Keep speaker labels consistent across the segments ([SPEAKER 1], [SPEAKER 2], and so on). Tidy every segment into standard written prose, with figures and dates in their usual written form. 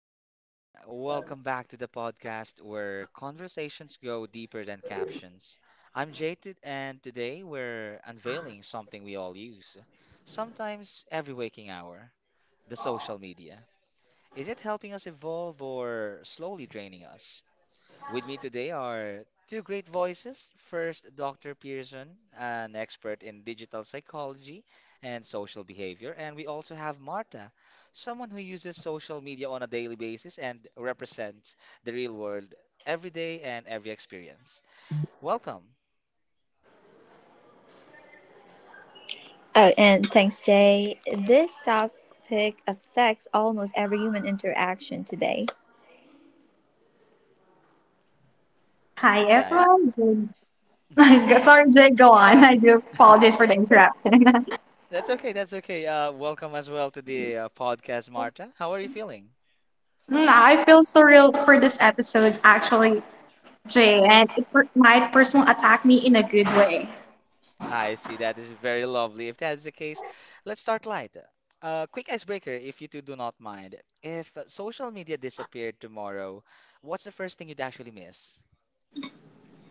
[SPEAKER 1] up, everyone? Welcome back to the podcast where conversations go deeper than captions. I'm Jaded, and today we're unveiling something we all use, sometimes every waking hour the social media. Is it helping us evolve or slowly draining us? With me today are two great voices. First, Dr. Pearson, an expert in digital psychology and social behavior. And we also have Marta, someone who uses social media on a daily basis and represents the real world every day and every experience. Welcome,
[SPEAKER 2] Oh, and thanks, Jay. This topic affects almost every human interaction today.
[SPEAKER 3] Hi
[SPEAKER 1] guys.
[SPEAKER 3] everyone.
[SPEAKER 1] Mhm.
[SPEAKER 3] Jane- Sorry, Jay, go on. I do apologize for the interruption.
[SPEAKER 1] That's okay. That's okay. Welcome as well to the podcast, Marta. How are you feeling?
[SPEAKER 3] I feel surreal for this episode, actually, Jay, and it might personal attack me in a good way.
[SPEAKER 1] I see. That is very lovely. If that is the case, let's start light. Quick icebreaker, if you two do not mind. If social media disappeared tomorrow, what's the first thing you'd actually miss?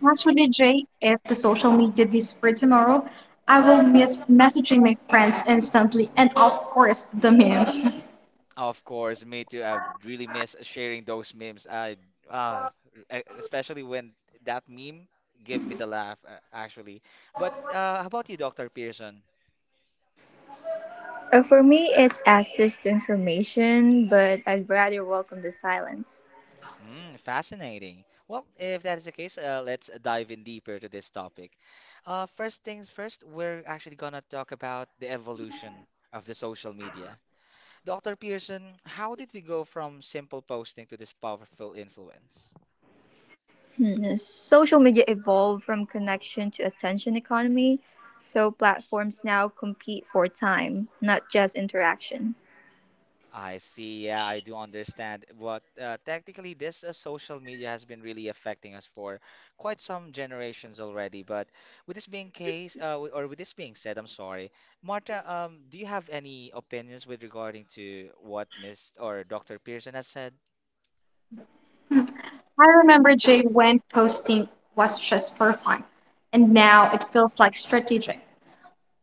[SPEAKER 3] Actually, Jay, if the social media disappears tomorrow, I will miss messaging my friends instantly and, of course, the memes.
[SPEAKER 1] Of course, me too. I really miss sharing those memes. Uh, Especially when that meme gave me the laugh, actually. But how about you, Dr. Pearson?
[SPEAKER 2] For me, it's access to information, but I'd rather welcome the silence.
[SPEAKER 1] Mm, fascinating. Well, if that is the case, let's dive in deeper to this topic. First things first, we're actually gonna talk about the evolution of the social media. Dr. Pearson, how did we go from simple posting to this powerful influence?
[SPEAKER 2] Hmm. Social media evolved from connection to attention economy, so platforms now compete for time, not just interaction.
[SPEAKER 1] I see. Yeah, I do understand. But technically, this social media has been really affecting us for quite some generations already. But with this being case, or with this being said, I'm sorry, Marta. Do you have any opinions with regarding to what Miss or Dr. Pearson has said?
[SPEAKER 3] I remember, Jay, when posting was just for fun, and now it feels like strategic.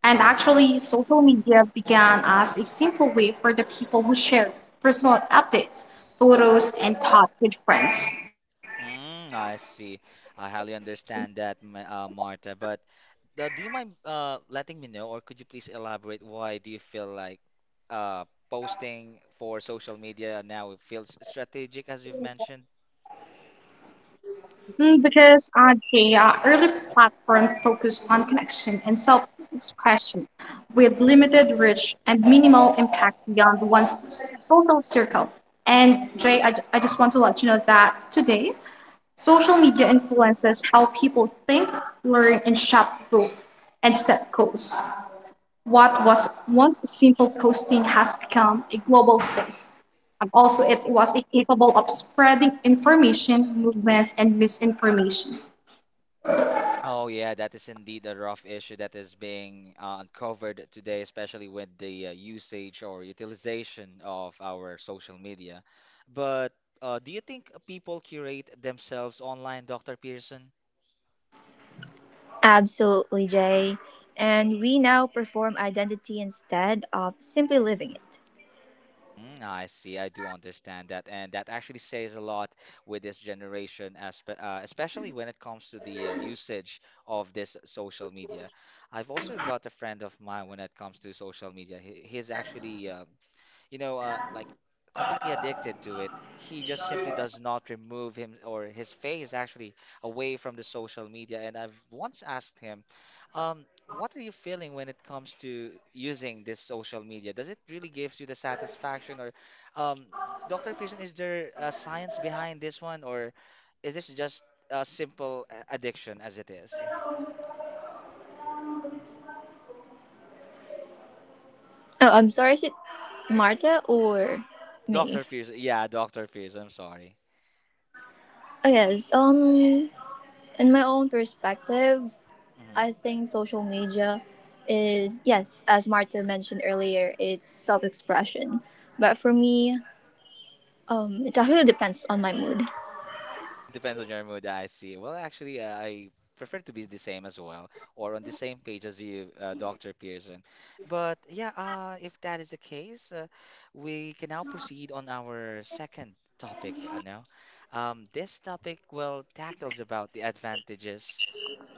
[SPEAKER 3] And
[SPEAKER 1] I see.
[SPEAKER 3] actually, social media began as a simple way for the people who share personal updates, photos, and thought with friends.
[SPEAKER 1] Mm, I see. I highly understand that, Marta. But do you mind letting me know, or could you please elaborate why do you feel like uh, posting for social media now it feels strategic, as you've mentioned?
[SPEAKER 3] Because the early platform focused on connection and self expression with limited reach and minimal impact beyond one's social circle. And Jay, I just want to let you know that today, social media influences how people think, learn, and shop both and set goals. What was once a simple posting has become a global force. And also, it was capable of spreading information, movements, and misinformation.
[SPEAKER 1] Oh yeah, that is indeed a rough issue that is being uncovered today, especially with the usage or utilization of our social media. But do you think people curate themselves online, Dr. Pearson?
[SPEAKER 2] Absolutely, Jay. And we now perform identity instead of simply living it.
[SPEAKER 1] Mm, I see. I do understand that, and that actually says a lot with this generation, aspe especially when it comes to the usage of this social media. I've also got a friend of mine when it comes to social media. He's actually like completely addicted to it. He just simply does not remove him or his face actually away from the social media. And I've once asked him, what are you feeling when it comes to using this social media? Does it really gives you the satisfaction or, um, Dr. Pearson, is there a science behind this one or is this just a simple addiction as it is?
[SPEAKER 2] Oh, I'm sorry, is it Marta or me?
[SPEAKER 1] Dr. Pearson, yeah, Dr. Pearson, I'm sorry.
[SPEAKER 2] Oh, yes, in my own perspective,
[SPEAKER 1] Mm-hmm.
[SPEAKER 2] I think social media is, yes, as Marta mentioned earlier, it's self expression. But for me, it actually depends on my mood.
[SPEAKER 1] Depends on your mood, I see. Well, actually, I prefer to be the same as well, or on the same page as you, Dr. Pearson. But yeah, if that is the case, we can now proceed on our second topic now. This topic will tackles about the advantages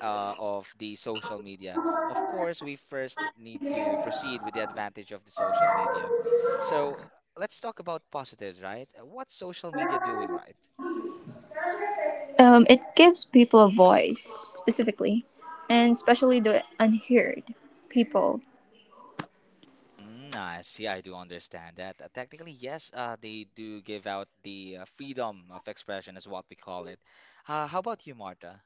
[SPEAKER 1] of the social media. Of course, we first need to proceed with the advantage of the social media. So let's talk about positives, right? What's social media doing right?
[SPEAKER 2] It gives people a voice, specifically, and especially the unheard people.
[SPEAKER 1] Mm, I see. I do understand that. Technically, yes, they do give out the freedom of expression, is what we call it. How about you, Marta?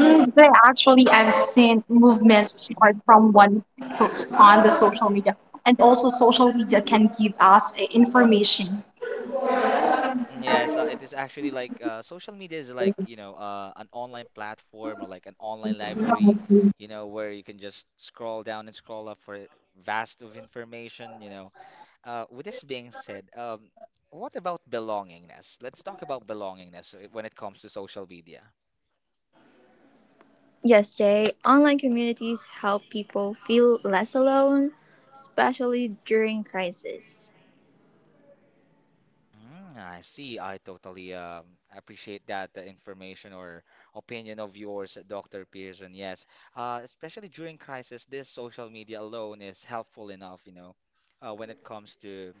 [SPEAKER 3] There, I've seen movements start from one post on the social media. And also, social media can give us information.
[SPEAKER 1] Yes, it is actually like social media is like, you know, an online platform or like an online library, you know, where you can just scroll down and scroll up for vast of information, you know. With this being said, what about belongingness? Let's talk about belongingness when it comes to social media.
[SPEAKER 2] Yes, Jay, online communities help people feel less alone, especially during crisis.
[SPEAKER 1] Mm, I see. I totally appreciate that information or opinion of yours, Dr. Pearson. Yes, especially during crisis, this social media alone is helpful enough, you know, when it comes to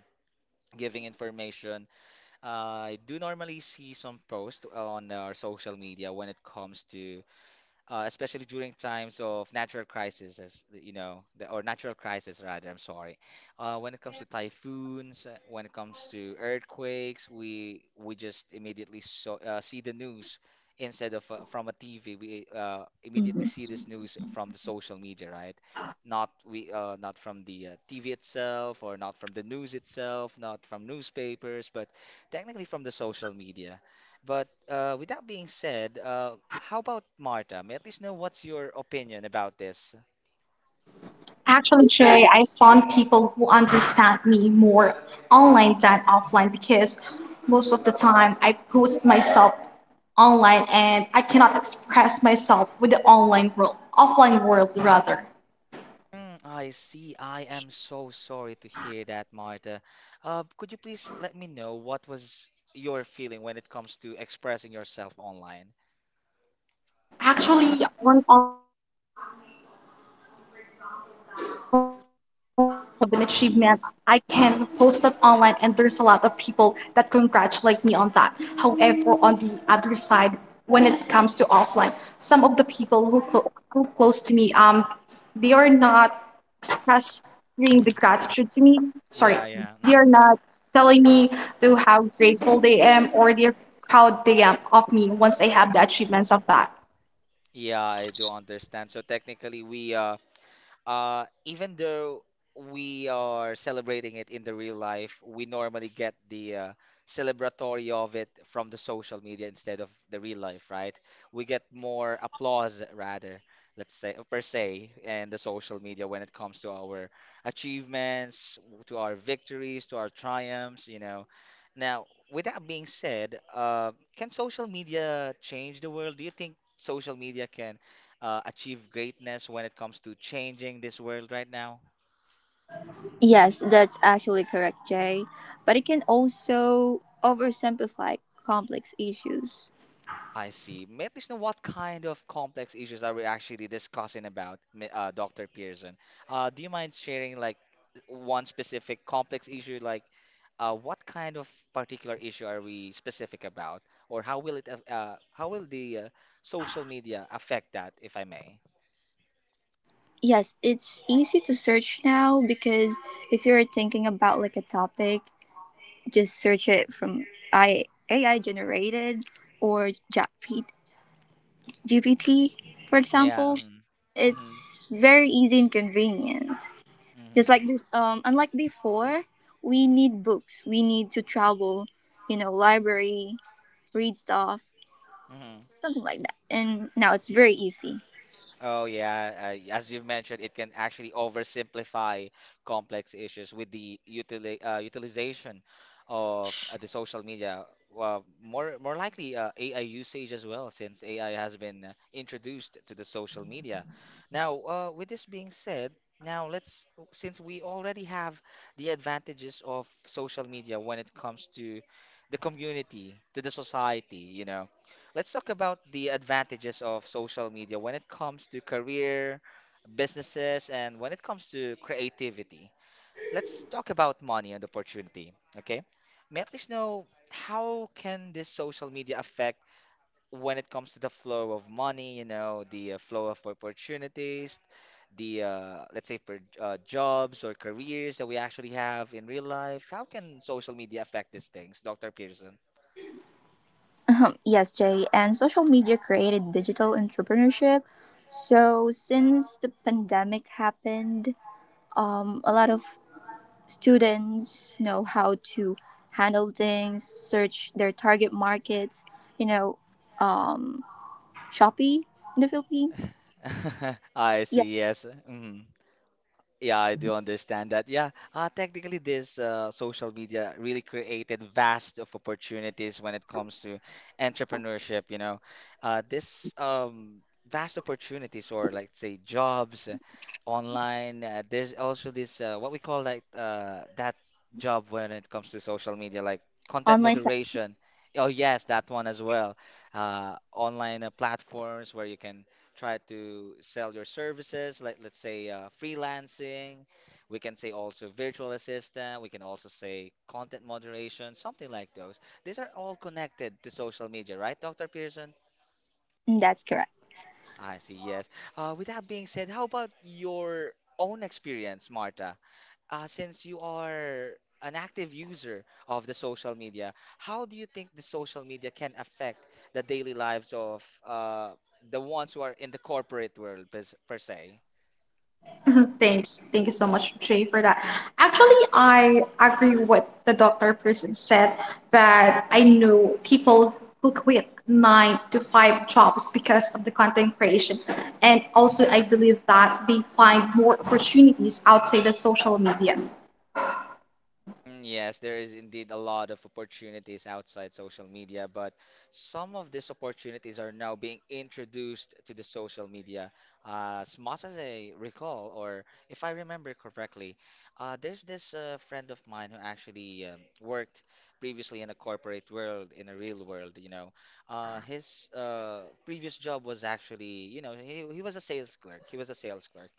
[SPEAKER 1] giving information. I do normally see some posts on our social media when it comes to especially during times of natural crises, you know, the or natural crisis rather. I'm sorry. When it comes to typhoons, when it comes to earthquakes, we just immediately so, see the news instead of from a TV. We
[SPEAKER 2] Mhm.
[SPEAKER 1] immediately see this news from the social media, right? Not we not from the TV itself, or not from the news itself, not from newspapers, but technically from the social media. But with that being said, how about Marta? May I at least know what's your opinion about this?
[SPEAKER 3] Actually, Jay, I found people who understand me more online than offline because most of the time I post myself online and I cannot express myself with the online world, offline world rather.
[SPEAKER 1] Mm, I see. I am so sorry to hear that, Marta. Could you please let me know what was your feeling when it comes to expressing yourself online?
[SPEAKER 3] Actually, on online, I can brag myself. For example, that once I have an achievement, I can post it online, and there's a lot of people that congratulate me on that. However, on the other side, when it comes to offline, some of the people who close to me, they are not expressing the
[SPEAKER 1] Mhm.
[SPEAKER 3] gratitude to me. Sorry,
[SPEAKER 1] Yeah, yeah.
[SPEAKER 3] they
[SPEAKER 1] Mhm,
[SPEAKER 3] are not telling
[SPEAKER 1] mhm.
[SPEAKER 3] me to how grateful they am or they're proud they am of me once I have the achievements of that.
[SPEAKER 1] Yeah, I do understand. So technically, we even though we are celebrating it in the real life, we normally get the celebratory of it from the social media instead of the real life, right? We get more applause rather, let's say per se, and the social media when it comes to our achievements, to our victories, to our triumphs, you know. Now, with that being said, can social media change the world? Do you think social media can achieve greatness when it comes to changing this world right now?
[SPEAKER 2] Yes, that's actually correct, Jay. But it can also oversimplify complex issues.
[SPEAKER 1] I see. May I please know what kind of complex issues are we actually discussing about, Dr. Pearson? Do you mind sharing like one specific complex issue, like what kind of particular issue are we specific about, or how will how will the social media affect that, if I may?
[SPEAKER 2] Yes, it's easy to search now because if you're thinking about like a topic, just search it from AI generated or ChatGPT, GPT, for
[SPEAKER 1] Yeah.
[SPEAKER 2] example.
[SPEAKER 1] Mm.
[SPEAKER 2] It's very easy and convenient. Just
[SPEAKER 1] Mm-hmm.
[SPEAKER 2] like unlike before, we need books. We need to travel, you know, library, read stuff
[SPEAKER 1] Mm-hmm.
[SPEAKER 2] something like that. And now it's very easy.
[SPEAKER 1] Oh yeah, as you've mentioned, it can actually oversimplify complex issues with the utilization of the social media. Well, more likely AI usage as well, since AI has been introduced to the social media. Now, with this being said, now let's since we already have the advantages of social media when it comes to the community, to the society, you know, let's talk about the advantages of social media when it comes to career, businesses, and when it comes to creativity. Let's talk about money and opportunity, okay? May I please know how can this social media affect when it comes to the flow of money, you know, the flow of opportunities, the let's say for jobs or careers that we actually have in real life? How can social media affect these things, Dr. Pearson?
[SPEAKER 2] Yes, Jay, and social media created digital entrepreneurship. So since the pandemic happened, a lot of students know how to handle things, search their target markets. You know, um, Shopee in the Philippines.
[SPEAKER 1] I
[SPEAKER 2] Yeah,
[SPEAKER 1] see, yes. Hmm. Yeah, I do understand that. Yeah, technically, this social media really created vast of opportunities when it comes to entrepreneurship. You know, this vast opportunities, or like say jobs online. There's also this what we call like that job when it comes to social media, like content
[SPEAKER 2] online
[SPEAKER 1] moderation. Oh yes, that one as well. Online platforms where you can try to sell your services like let's say freelancing, we can say also virtual assistant, we can also say content moderation, something like those. These are all connected to social media, right, Dr. Pearson?
[SPEAKER 2] selling. That's correct.
[SPEAKER 1] I see, yes. With that being said, how about your own experience, Marta? Since you are an active user of the social media, how do you think the social media can affect the daily lives of the ones who are in the corporate world per se?
[SPEAKER 3] Thanks. Thank you so much, Jay, for that. Actually, I agree with what the doctor person said, but I know people who quit nine to five jobs because of the content creation. And also, I believe that they find more opportunities outside the social media.
[SPEAKER 1] Mm, yes, there is indeed a lot of opportunities outside social media, but some of these opportunities are now being introduced to the social media. As much as I recall, or if I remember correctly, there's this friend of mine who actually worked previously in a corporate world, in a real world, you know. His Previous job was actually, you know, he was a sales clerk. He was a sales clerk.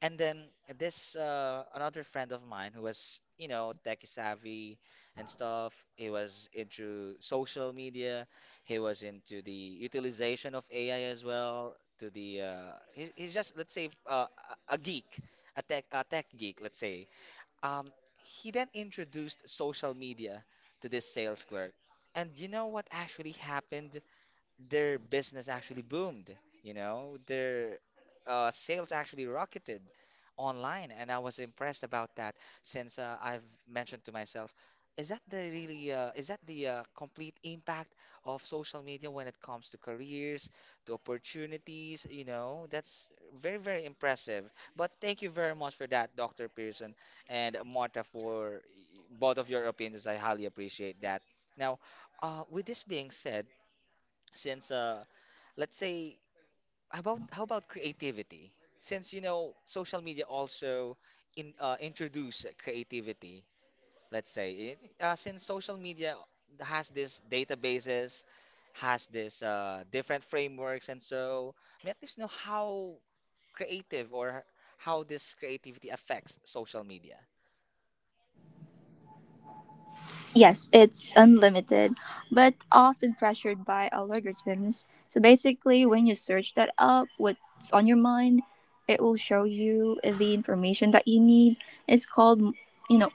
[SPEAKER 1] And then this another friend of mine who was, you know, tech savvy and stuff. He was into social media. He was into the utilization of AI as well. He's just let's say a geek, a tech geek, let's say. Um, he then introduced social media to this sales clerk. And you know what actually happened? Their business actually boomed, you know, their sales actually rocketed online, and I was impressed about that since I've mentioned to myself, is that the really is that the complete impact of social media when it comes to careers, to opportunities, you know, that's very, very impressive. But thank you very much for that, Dr. Pearson and Marta, for both of your opinions. I highly appreciate that. Now, with this being said, since let's say, how about creativity since you know social media also in introduce creativity, let's say. Since social media has this databases, has this different frameworks, and so let us know how creative or how this creativity affects social media.
[SPEAKER 2] Yes, it's unlimited, but often pressured by algorithms. So basically, when you search that up, what's on your mind, it will show you the information that you need. It's called, you know,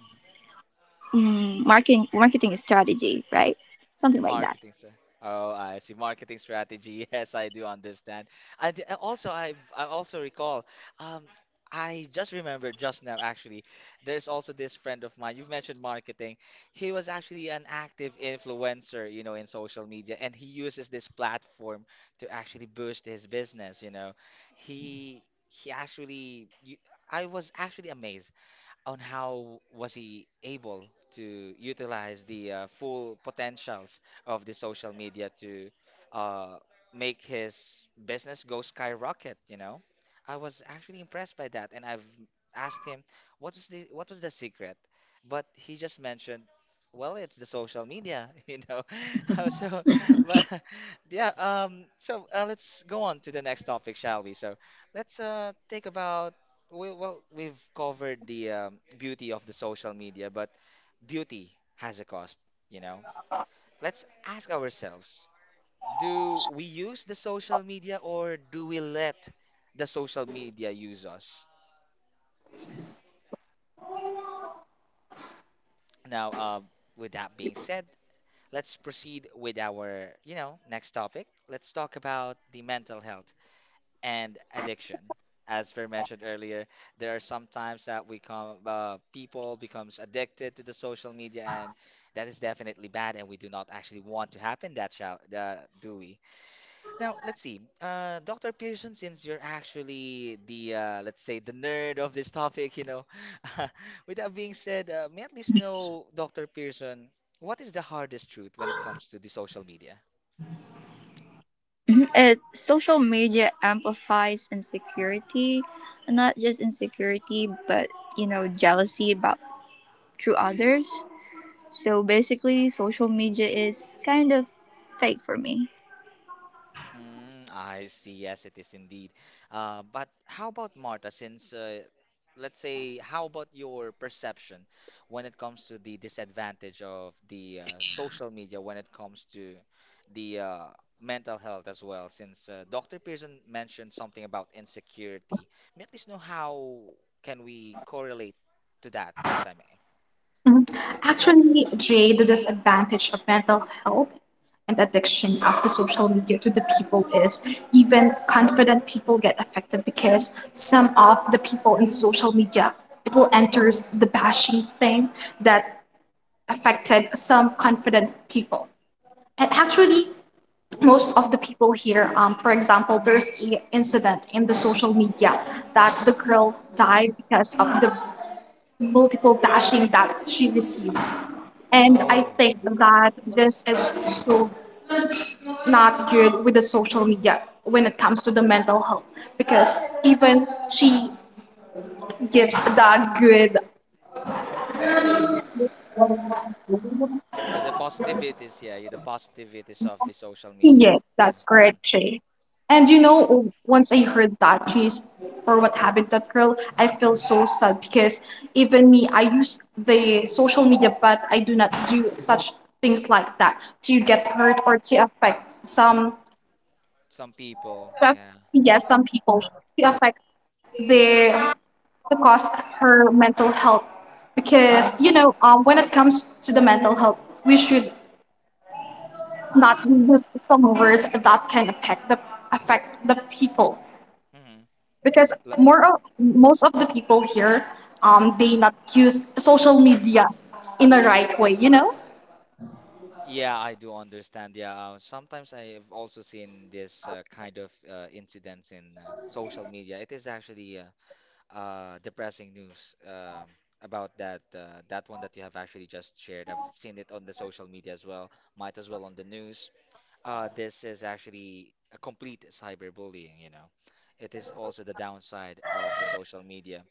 [SPEAKER 2] marketing strategy, right? Something like that.
[SPEAKER 1] Marketing, sir. Oh, I see. Marketing strategy. Yes, I do understand. And also, I also recall. Um, I just remembered just now. Actually, there's also this friend of mine. You mentioned marketing. He was actually an active influencer, you know, in social media, and he uses this platform to actually boost his business. You know, he actually. You, I was actually amazed on how was he able to utilize the full potentials of the social media to uh, make his business go skyrocket, you know? I was actually impressed by that, and I've asked him what was the secret, but he just mentioned, well, it's the social media, you know. So, but yeah, so let's go on to the next topic, shall we? So, let's take about we, well, we've covered the beauty of the social media, but beauty has a cost, you know? Let's ask ourselves, do we use the social media or do we let the social media use us? Now, with that being said, let's proceed with our, you know, next topic. Let's talk about the mental health and addiction. As we mentioned earlier, there are some times that we come, people becomes addicted to the social media, and that is definitely bad, and we do not actually want to happen that, shall, do we? Now, let's see, Dr. Pearson, since you're actually the, let's say, the nerd of this topic, you know, with that being said, may I at least know, Dr. Pearson, what is the hardest truth when it comes to the social media?
[SPEAKER 2] Mhm. It social media amplifies insecurity, not just insecurity, but you know, jealousy about through others. So basically, social media is kind of fake for me.
[SPEAKER 1] Mm, I see. Yes, it is indeed. But how about Marta, since let's say, how about your perception when it comes to the disadvantage of the social media when it comes to the mental health as well? Since Dr. Pearson mentioned something about insecurity, may at least know how can we correlate to that, if I may.
[SPEAKER 3] Actually, Jay, the disadvantage of mental health and addiction after social media to the people is even confident people get affected because some of the people in the social media it will enters the bashing thing that affected some confident people. And actually, most of the people here, for example, there's a incident in the social media that the
[SPEAKER 1] Mhm.
[SPEAKER 3] girl died because of the multiple bashing that she received. And I
[SPEAKER 1] Oh.
[SPEAKER 3] think
[SPEAKER 1] Mhm,
[SPEAKER 3] that this is so not
[SPEAKER 1] mhm,
[SPEAKER 3] good with the social media when it comes to the mental health because
[SPEAKER 1] mhm,
[SPEAKER 3] even she gives that good,
[SPEAKER 1] mhm, the positivities, yeah, yeah, the positivities of the social
[SPEAKER 3] yeah,
[SPEAKER 1] media. Yeah.
[SPEAKER 3] that's
[SPEAKER 1] Mm,
[SPEAKER 3] correct, Shay. And
[SPEAKER 1] hmm.
[SPEAKER 3] you know once I heard that she's for what happened to that girl I feel so sad because even me I use the social media but I do not do such things like that to get
[SPEAKER 1] Hmm.
[SPEAKER 3] hurt or to affect some,
[SPEAKER 1] Some
[SPEAKER 3] to
[SPEAKER 1] people,
[SPEAKER 3] affect,
[SPEAKER 1] yeah.
[SPEAKER 3] yeah, some
[SPEAKER 1] Mm,
[SPEAKER 3] people, to affect the,
[SPEAKER 1] hmm.
[SPEAKER 3] to cost her mental health
[SPEAKER 1] The,
[SPEAKER 3] because when it comes to the mental health we should not use some words that can affect the people
[SPEAKER 1] mhm.
[SPEAKER 3] because most of the people here they not use social media in the right way, you know.
[SPEAKER 1] Yeah, I do understand. Yeah, sometimes I have also seen this kind of incidents in social media. It is actually depressing news, about that that one that you have actually just shared. I've seen it on the social media as well. Might as well on the news. This is actually a complete cyberbullying, you know. It is also the downside of the social media.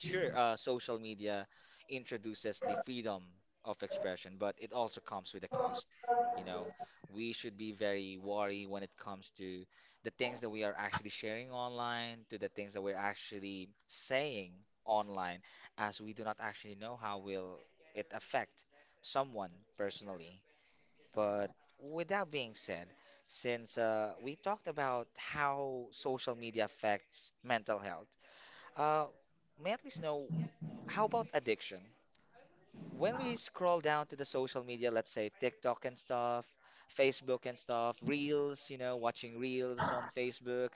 [SPEAKER 1] Sure, social media introduces the freedom of expression, but it also comes with a cost. You know, we should be very wary when it comes to the things that we are actually sharing online, to the things that we're actually saying online, as we do not actually know how will it affect someone personally. But with that being said, since we talked about how social media affects mental health, uh, may I at least know, how about addiction? When we scroll down to the social media, let's say TikTok and stuff, Facebook and stuff, Reels, you know, watching Reels on Facebook,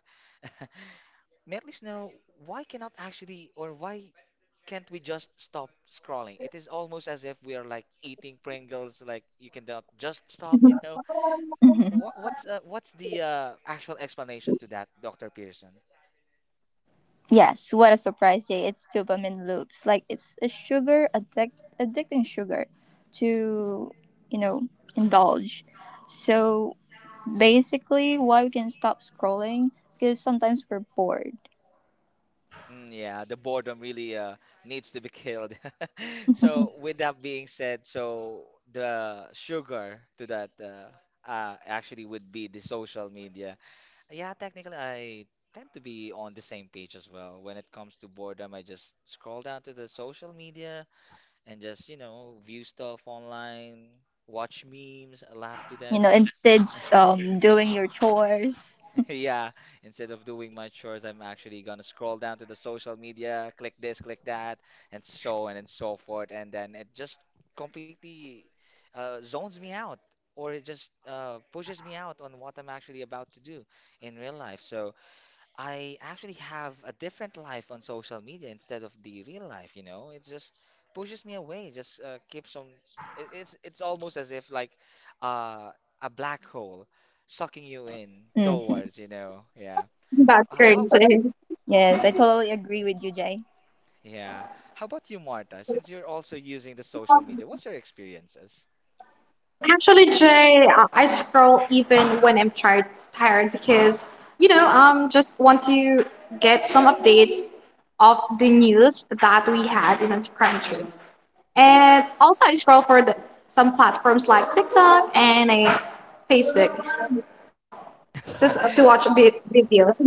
[SPEAKER 1] may I at least know why cannot actually or why can't we just stop scrolling? It is almost as if we are like eating Pringles, like you cannot just
[SPEAKER 3] Mhm.
[SPEAKER 1] stop, you know?
[SPEAKER 2] Mhm.
[SPEAKER 1] What's the actual explanation to that, Dr. Pearson?
[SPEAKER 2] Yes, what a surprise, Jay. It's dopamine loops. Like it's a sugar addict addicting sugar to, you know, indulge. So basically why we can stop scrolling because sometimes we're bored.
[SPEAKER 1] Mm, yeah, the boredom really needs to be killed. So, with that being said, so the sugar to that actually would be the social media. Yeah, technically, I tend to be on the same page as well. When it comes to boredom, I just scroll down to the social media and just, you know, view stuff online, watch memes, laugh to
[SPEAKER 2] You know,
[SPEAKER 1] them.
[SPEAKER 2] instead doing your chores.
[SPEAKER 1] Yeah, instead of doing my chores, I'm actually gonna scroll down to the social media, click this, click that, and so on and so forth, and then it just completely zones me out, or it just pushes me out on what I'm actually about to do in real life. So I actually have a different life on social media instead of the real life, you know? It just pushes me away, it just keeps on it, it's almost as if like uh a black hole sucking you in
[SPEAKER 2] Hmm.
[SPEAKER 1] towards, you know. Yeah.
[SPEAKER 3] That's great.
[SPEAKER 1] How
[SPEAKER 2] Yes, I
[SPEAKER 1] mm,
[SPEAKER 2] totally agree with you, Jay.
[SPEAKER 1] yeah. How about you, Marta? Since you're also using the social media, what's your experiences?
[SPEAKER 3] Actually, Jay, I scroll even when I'm tired, tired because just want to get some updates of the news that we had in our country. And also, I scroll for the, some platforms like TikTok and a Facebook just to watch videos.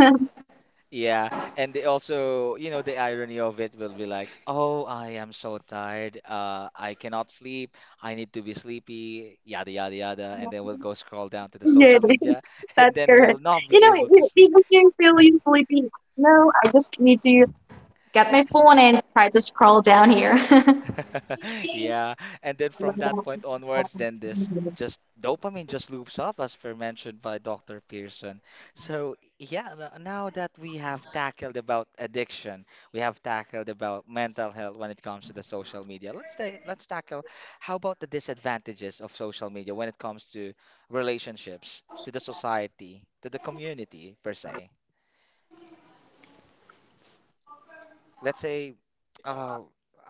[SPEAKER 1] Yeah, and they also, you know, the irony of it will be like, "Oh, I am so tired. I cannot sleep. I need to be sleepy." Yada yada yada, and then we'll go scroll down to the
[SPEAKER 3] Yeah,
[SPEAKER 1] social media, and
[SPEAKER 3] that's
[SPEAKER 1] then
[SPEAKER 3] correct.
[SPEAKER 1] we'll not
[SPEAKER 3] You
[SPEAKER 1] be
[SPEAKER 3] know,
[SPEAKER 1] able to sleep.
[SPEAKER 3] even if you feeling sleepy, no, I just need to get my phone and try to scroll down here.
[SPEAKER 1] Yeah, and then from that point onwards, then this just dopamine just loops up, as per mentioned by Dr. Pearson. So yeah, n- now that we have tackled about addiction, we have tackled about mental health when it comes to the social media. Let's tackle, how about the disadvantages of social media when it comes to relationships, to the society, to the community per se. Let's say uh,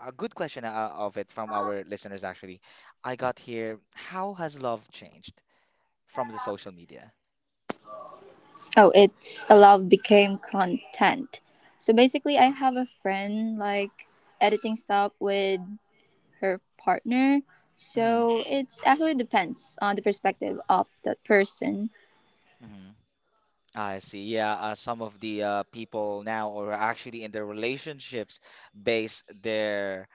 [SPEAKER 1] a good question of it from our listeners, actually. I got here, how has love changed from the social media?
[SPEAKER 2] Oh, it's a love became content. So basically, I have a friend like editing stuff with her partner.
[SPEAKER 1] Mm,
[SPEAKER 2] So it's actually depends on the perspective of that person.
[SPEAKER 1] mm. I see. Yeah, some of the people now are actually in their relationships base their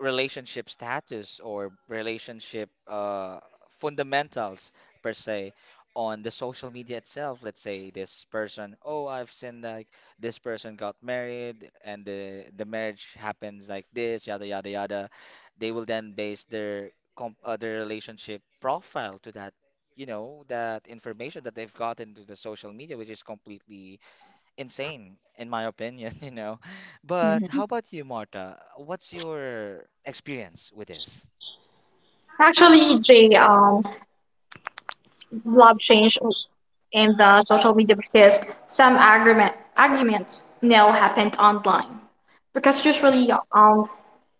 [SPEAKER 1] relationship status or relationship fundamentals per se on the social media itself. Let's say this person, oh, I've seen like this person got married and the marriage happens like this, yada yada yada. They will then base their com their relationship profile to that, you know, that information that they've gotten to the social media, which is completely insane in my opinion, you know. But how about you, Marta? What's your experience with this?
[SPEAKER 3] Actually, Jay, love change in the social media because some argument arguments now happened online. Because usually,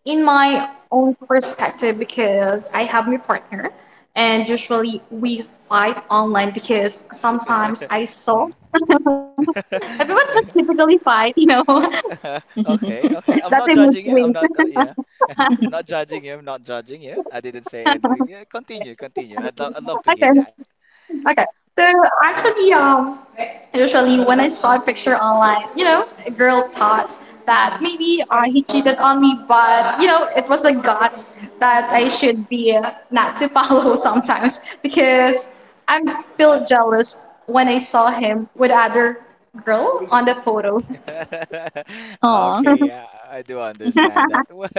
[SPEAKER 3] in my own perspective, because I have my partner, and usually we fight online because sometimes I saw
[SPEAKER 1] Mhm.
[SPEAKER 3] everyone's typically fight, you know.
[SPEAKER 1] Okay,
[SPEAKER 2] Mm-hmm.
[SPEAKER 1] okay.
[SPEAKER 3] That's
[SPEAKER 1] I'm
[SPEAKER 3] a
[SPEAKER 1] not
[SPEAKER 3] mood
[SPEAKER 1] judging you.
[SPEAKER 3] swings.
[SPEAKER 1] I'm not, yeah. I'm not judging you. I'm not judging you. I didn't say anything. Yeah, continue, continue. I'd love to
[SPEAKER 3] Okay.
[SPEAKER 1] hear that.
[SPEAKER 3] Okay. So actually, usually when I saw a picture online, you know, a girl thought that maybe he cheated on me, but you know, it was a gut that I should be not to follow sometimes because I feel jealous when I saw him with other girl on the photo.
[SPEAKER 2] Aw.
[SPEAKER 1] Okay, yeah, I do understand that. Well,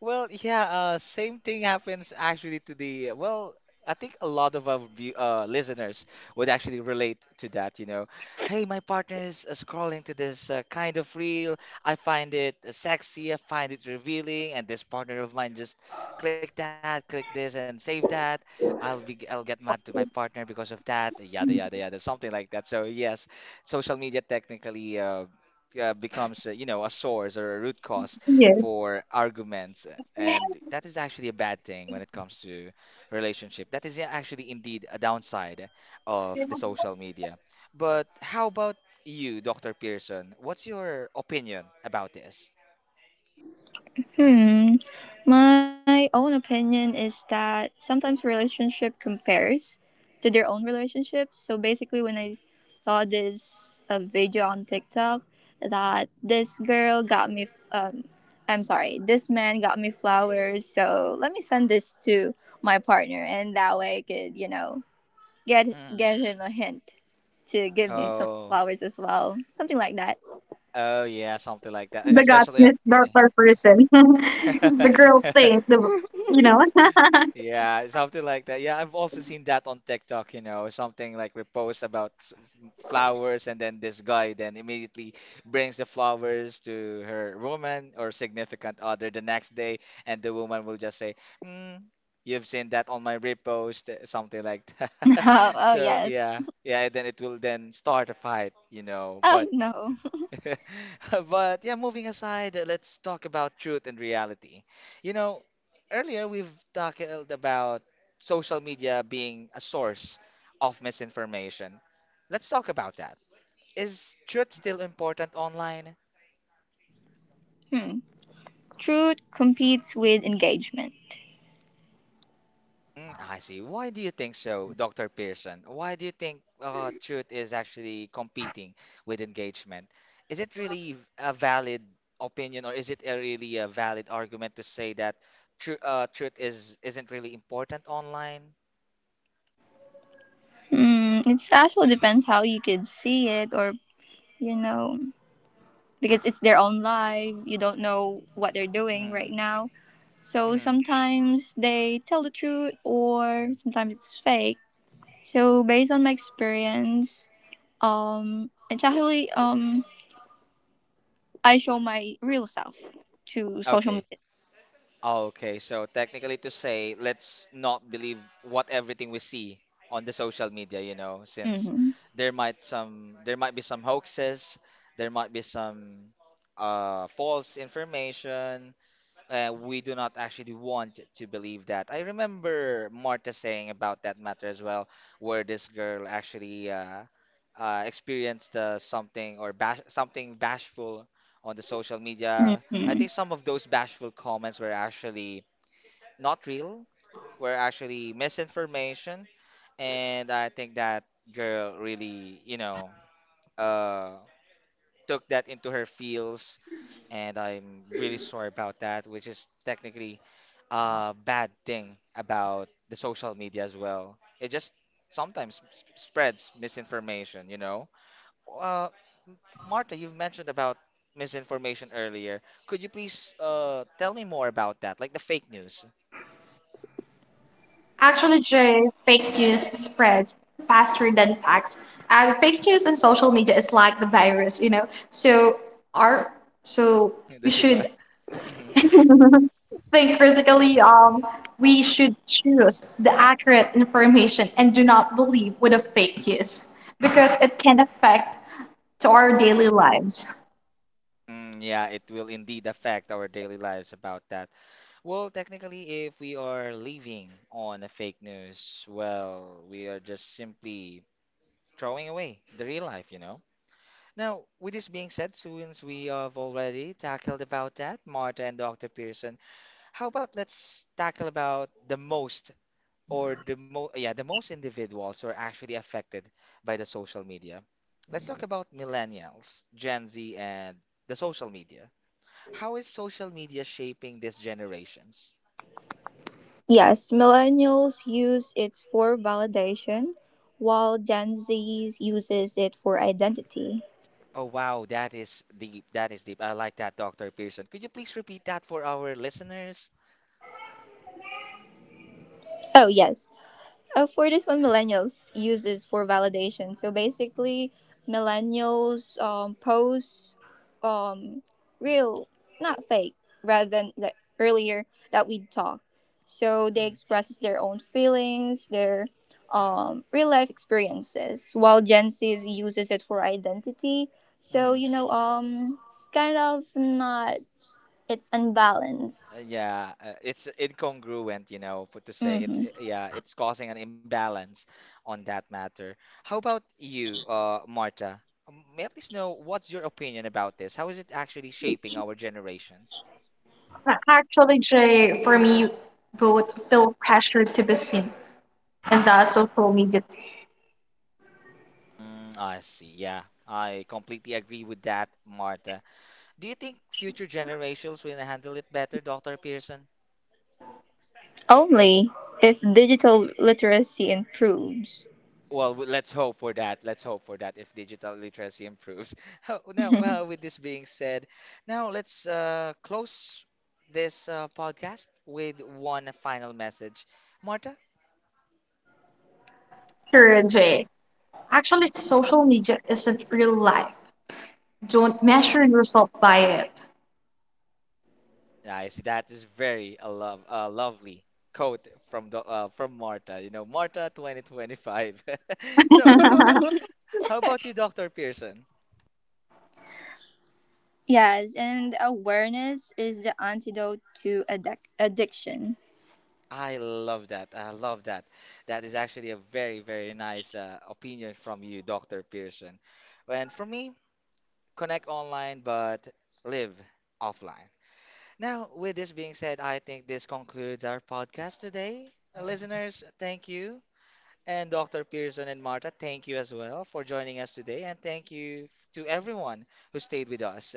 [SPEAKER 1] well, yeah, same thing happens actually to the, well, I think a lot of our listeners would actually relate to that, you know. Hey, my partner is scrolling to this kind of reel. I find it sexy, I find it revealing, and this partner of mine just click that, click this, and save that. I'll get mad to my partner because of that, yada, yada, yada, something like that. So, yes, social media technically becomes, you know, a source or a root cause
[SPEAKER 3] Yeah,
[SPEAKER 1] for arguments, and that is actually a bad thing when it comes to relationship. That is yeah, actually indeed a downside of the social media. But how about you, Dr. Pearson? What's your opinion about this?
[SPEAKER 2] Hmm. My own opinion is that sometimes relationship compares to their own relationships. So basically, when I saw this video on TikTok that this girl got me, I'm sorry, this man got me flowers. So let me send this to my partner, and that way I could, you know, get
[SPEAKER 1] Mm.
[SPEAKER 2] get him a hint to give me some
[SPEAKER 1] Oh,
[SPEAKER 2] flowers as well, something like that.
[SPEAKER 1] oh yeah, something like that.
[SPEAKER 3] the
[SPEAKER 1] Especially on
[SPEAKER 3] gutsmith, the other person, the girl thing, the you know.
[SPEAKER 1] yeah, something like that. Yeah, I've also seen that on TikTok, you know, something like repost about flowers, and then this guy then immediately brings the flowers to her woman or significant other the next day, and the woman will just say, "Hmm, you've seen that on my repost," something like that.
[SPEAKER 2] Oh, oh
[SPEAKER 1] So
[SPEAKER 2] yes.
[SPEAKER 1] yeah, yeah, and then it will then start a fight, you know.
[SPEAKER 2] Oh
[SPEAKER 1] But
[SPEAKER 2] no.
[SPEAKER 1] but yeah, moving aside, let's talk about truth and reality. You know, earlier we've talked about social media being a source of misinformation. Let's talk about that. Is truth still important online?
[SPEAKER 2] Hmm. Truth competes with engagement.
[SPEAKER 1] Mm, I see. Why do you think so, Dr. Pearson? Why do you think truth is actually competing with engagement? Is it really a valid opinion, or is it a really a valid argument to say that truth is isn't really important online?
[SPEAKER 2] Hmm, it actually depends how you could see it, or you know, because it's their own life. You don't know what they're doing right
[SPEAKER 1] Mm-hmm.
[SPEAKER 2] now. So
[SPEAKER 1] Mm-hmm.
[SPEAKER 2] sometimes they tell the truth, or sometimes it's fake. So based on my experience, it's actually I show my real self to social
[SPEAKER 1] Okay.
[SPEAKER 2] media.
[SPEAKER 1] Okay, so technically to say, let's not believe what everything we see on the social media, you know, since
[SPEAKER 2] Mm-hmm.
[SPEAKER 1] there might be some hoaxes, there might be some false information, we do not actually want to believe that. I remember Marta saying about that matter as well, where this girl actually experienced something or bash something bashful on the social media. I
[SPEAKER 2] Mm-hmm.
[SPEAKER 1] think some of those bashful comments were actually not real, were actually misinformation, and I think that girl really, you know, uh, took that into her feels, and I'm really sorry about that, which is technically bad thing about the social media as well. It just sometimes spreads misinformation, you know. Uh, Marta, you've mentioned about misinformation earlier. Could you please tell me more about that, like the fake news?
[SPEAKER 3] Actually, Jay, fake news spreads faster than facts. And fake news and social media is like the virus, you know. Our so we
[SPEAKER 1] Di
[SPEAKER 3] should
[SPEAKER 1] mhm.
[SPEAKER 3] think critically. We should choose the accurate information and do not believe with a fake news because it can affect to our daily lives.
[SPEAKER 1] Mm, yeah, it will indeed affect our daily lives about that. Well, technically, if we are living on a fake news, well, we are just simply throwing away the real life, you know? Now, with this being said, since we have already tackled about that, Marta and Dr. Pearson, how about let's tackle about the most or the mo yeah, the most individuals who are actually affected by the social media. Let's talk about millennials, Gen Z, and the social media. How is social media shaping these generations?
[SPEAKER 2] Yes, millennials use it for validation, while Gen Z uses it for identity.
[SPEAKER 1] Oh wow, that is deep. That is deep. I like that, Dr. Pearson. Could you please repeat that for our listeners?
[SPEAKER 2] Oh, yes. For this one, millennials uses for validation. So basically, millennials post um, real, not fake, rather than the earlier that we talked. So they expresses their own feelings, their real life experiences, while Gen Z uses it for identity. So
[SPEAKER 1] Mm-hmm.
[SPEAKER 2] you know, it's kind of not. It's unbalanced.
[SPEAKER 1] Yeah, it's incongruent, you know, put to say it's
[SPEAKER 2] Hmm
[SPEAKER 1] yeah, it's causing an imbalance on that matter. How about you, Marta? May I please know what's your opinion about this? How is it actually shaping our generations?
[SPEAKER 3] Actually, Jay, for me, both feel pressure to be seen and the social media.
[SPEAKER 1] Mm, I see. Yeah, I completely agree with that, Marta. Do you think future generations will handle it better, Dr. Pearson?
[SPEAKER 2] Only if digital literacy improves.
[SPEAKER 1] Well, let's hope for that. Let's hope for that if digital literacy improves. How- now, well, with this being said, now let's close this podcast with one final message. Marta?
[SPEAKER 3] Sure, Jay.
[SPEAKER 1] Mhm.
[SPEAKER 3] Actually, social media isn't real life. Don't measure yourself by it.
[SPEAKER 1] I see that is very a love a lovely quote from the from Marta. You know, Marta 2025. So, h- how about you, Dr. Pearson?
[SPEAKER 2] Yes, and awareness is the antidote to addiction.
[SPEAKER 1] I love that. I love that. That is actually a very, very nice opinion from you, Dr. Pearson. And for me, connect online but live offline. Now, with this being said, I think this concludes our podcast today. Listeners, thank you. And Dr. Pearson and Marta, thank you as well for joining us today. And thank you to everyone who stayed with us.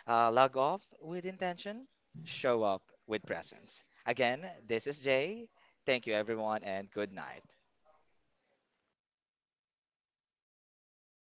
[SPEAKER 1] Log off with intention, show up with presence. Again, this is Jay. Thank you, everyone, and good night.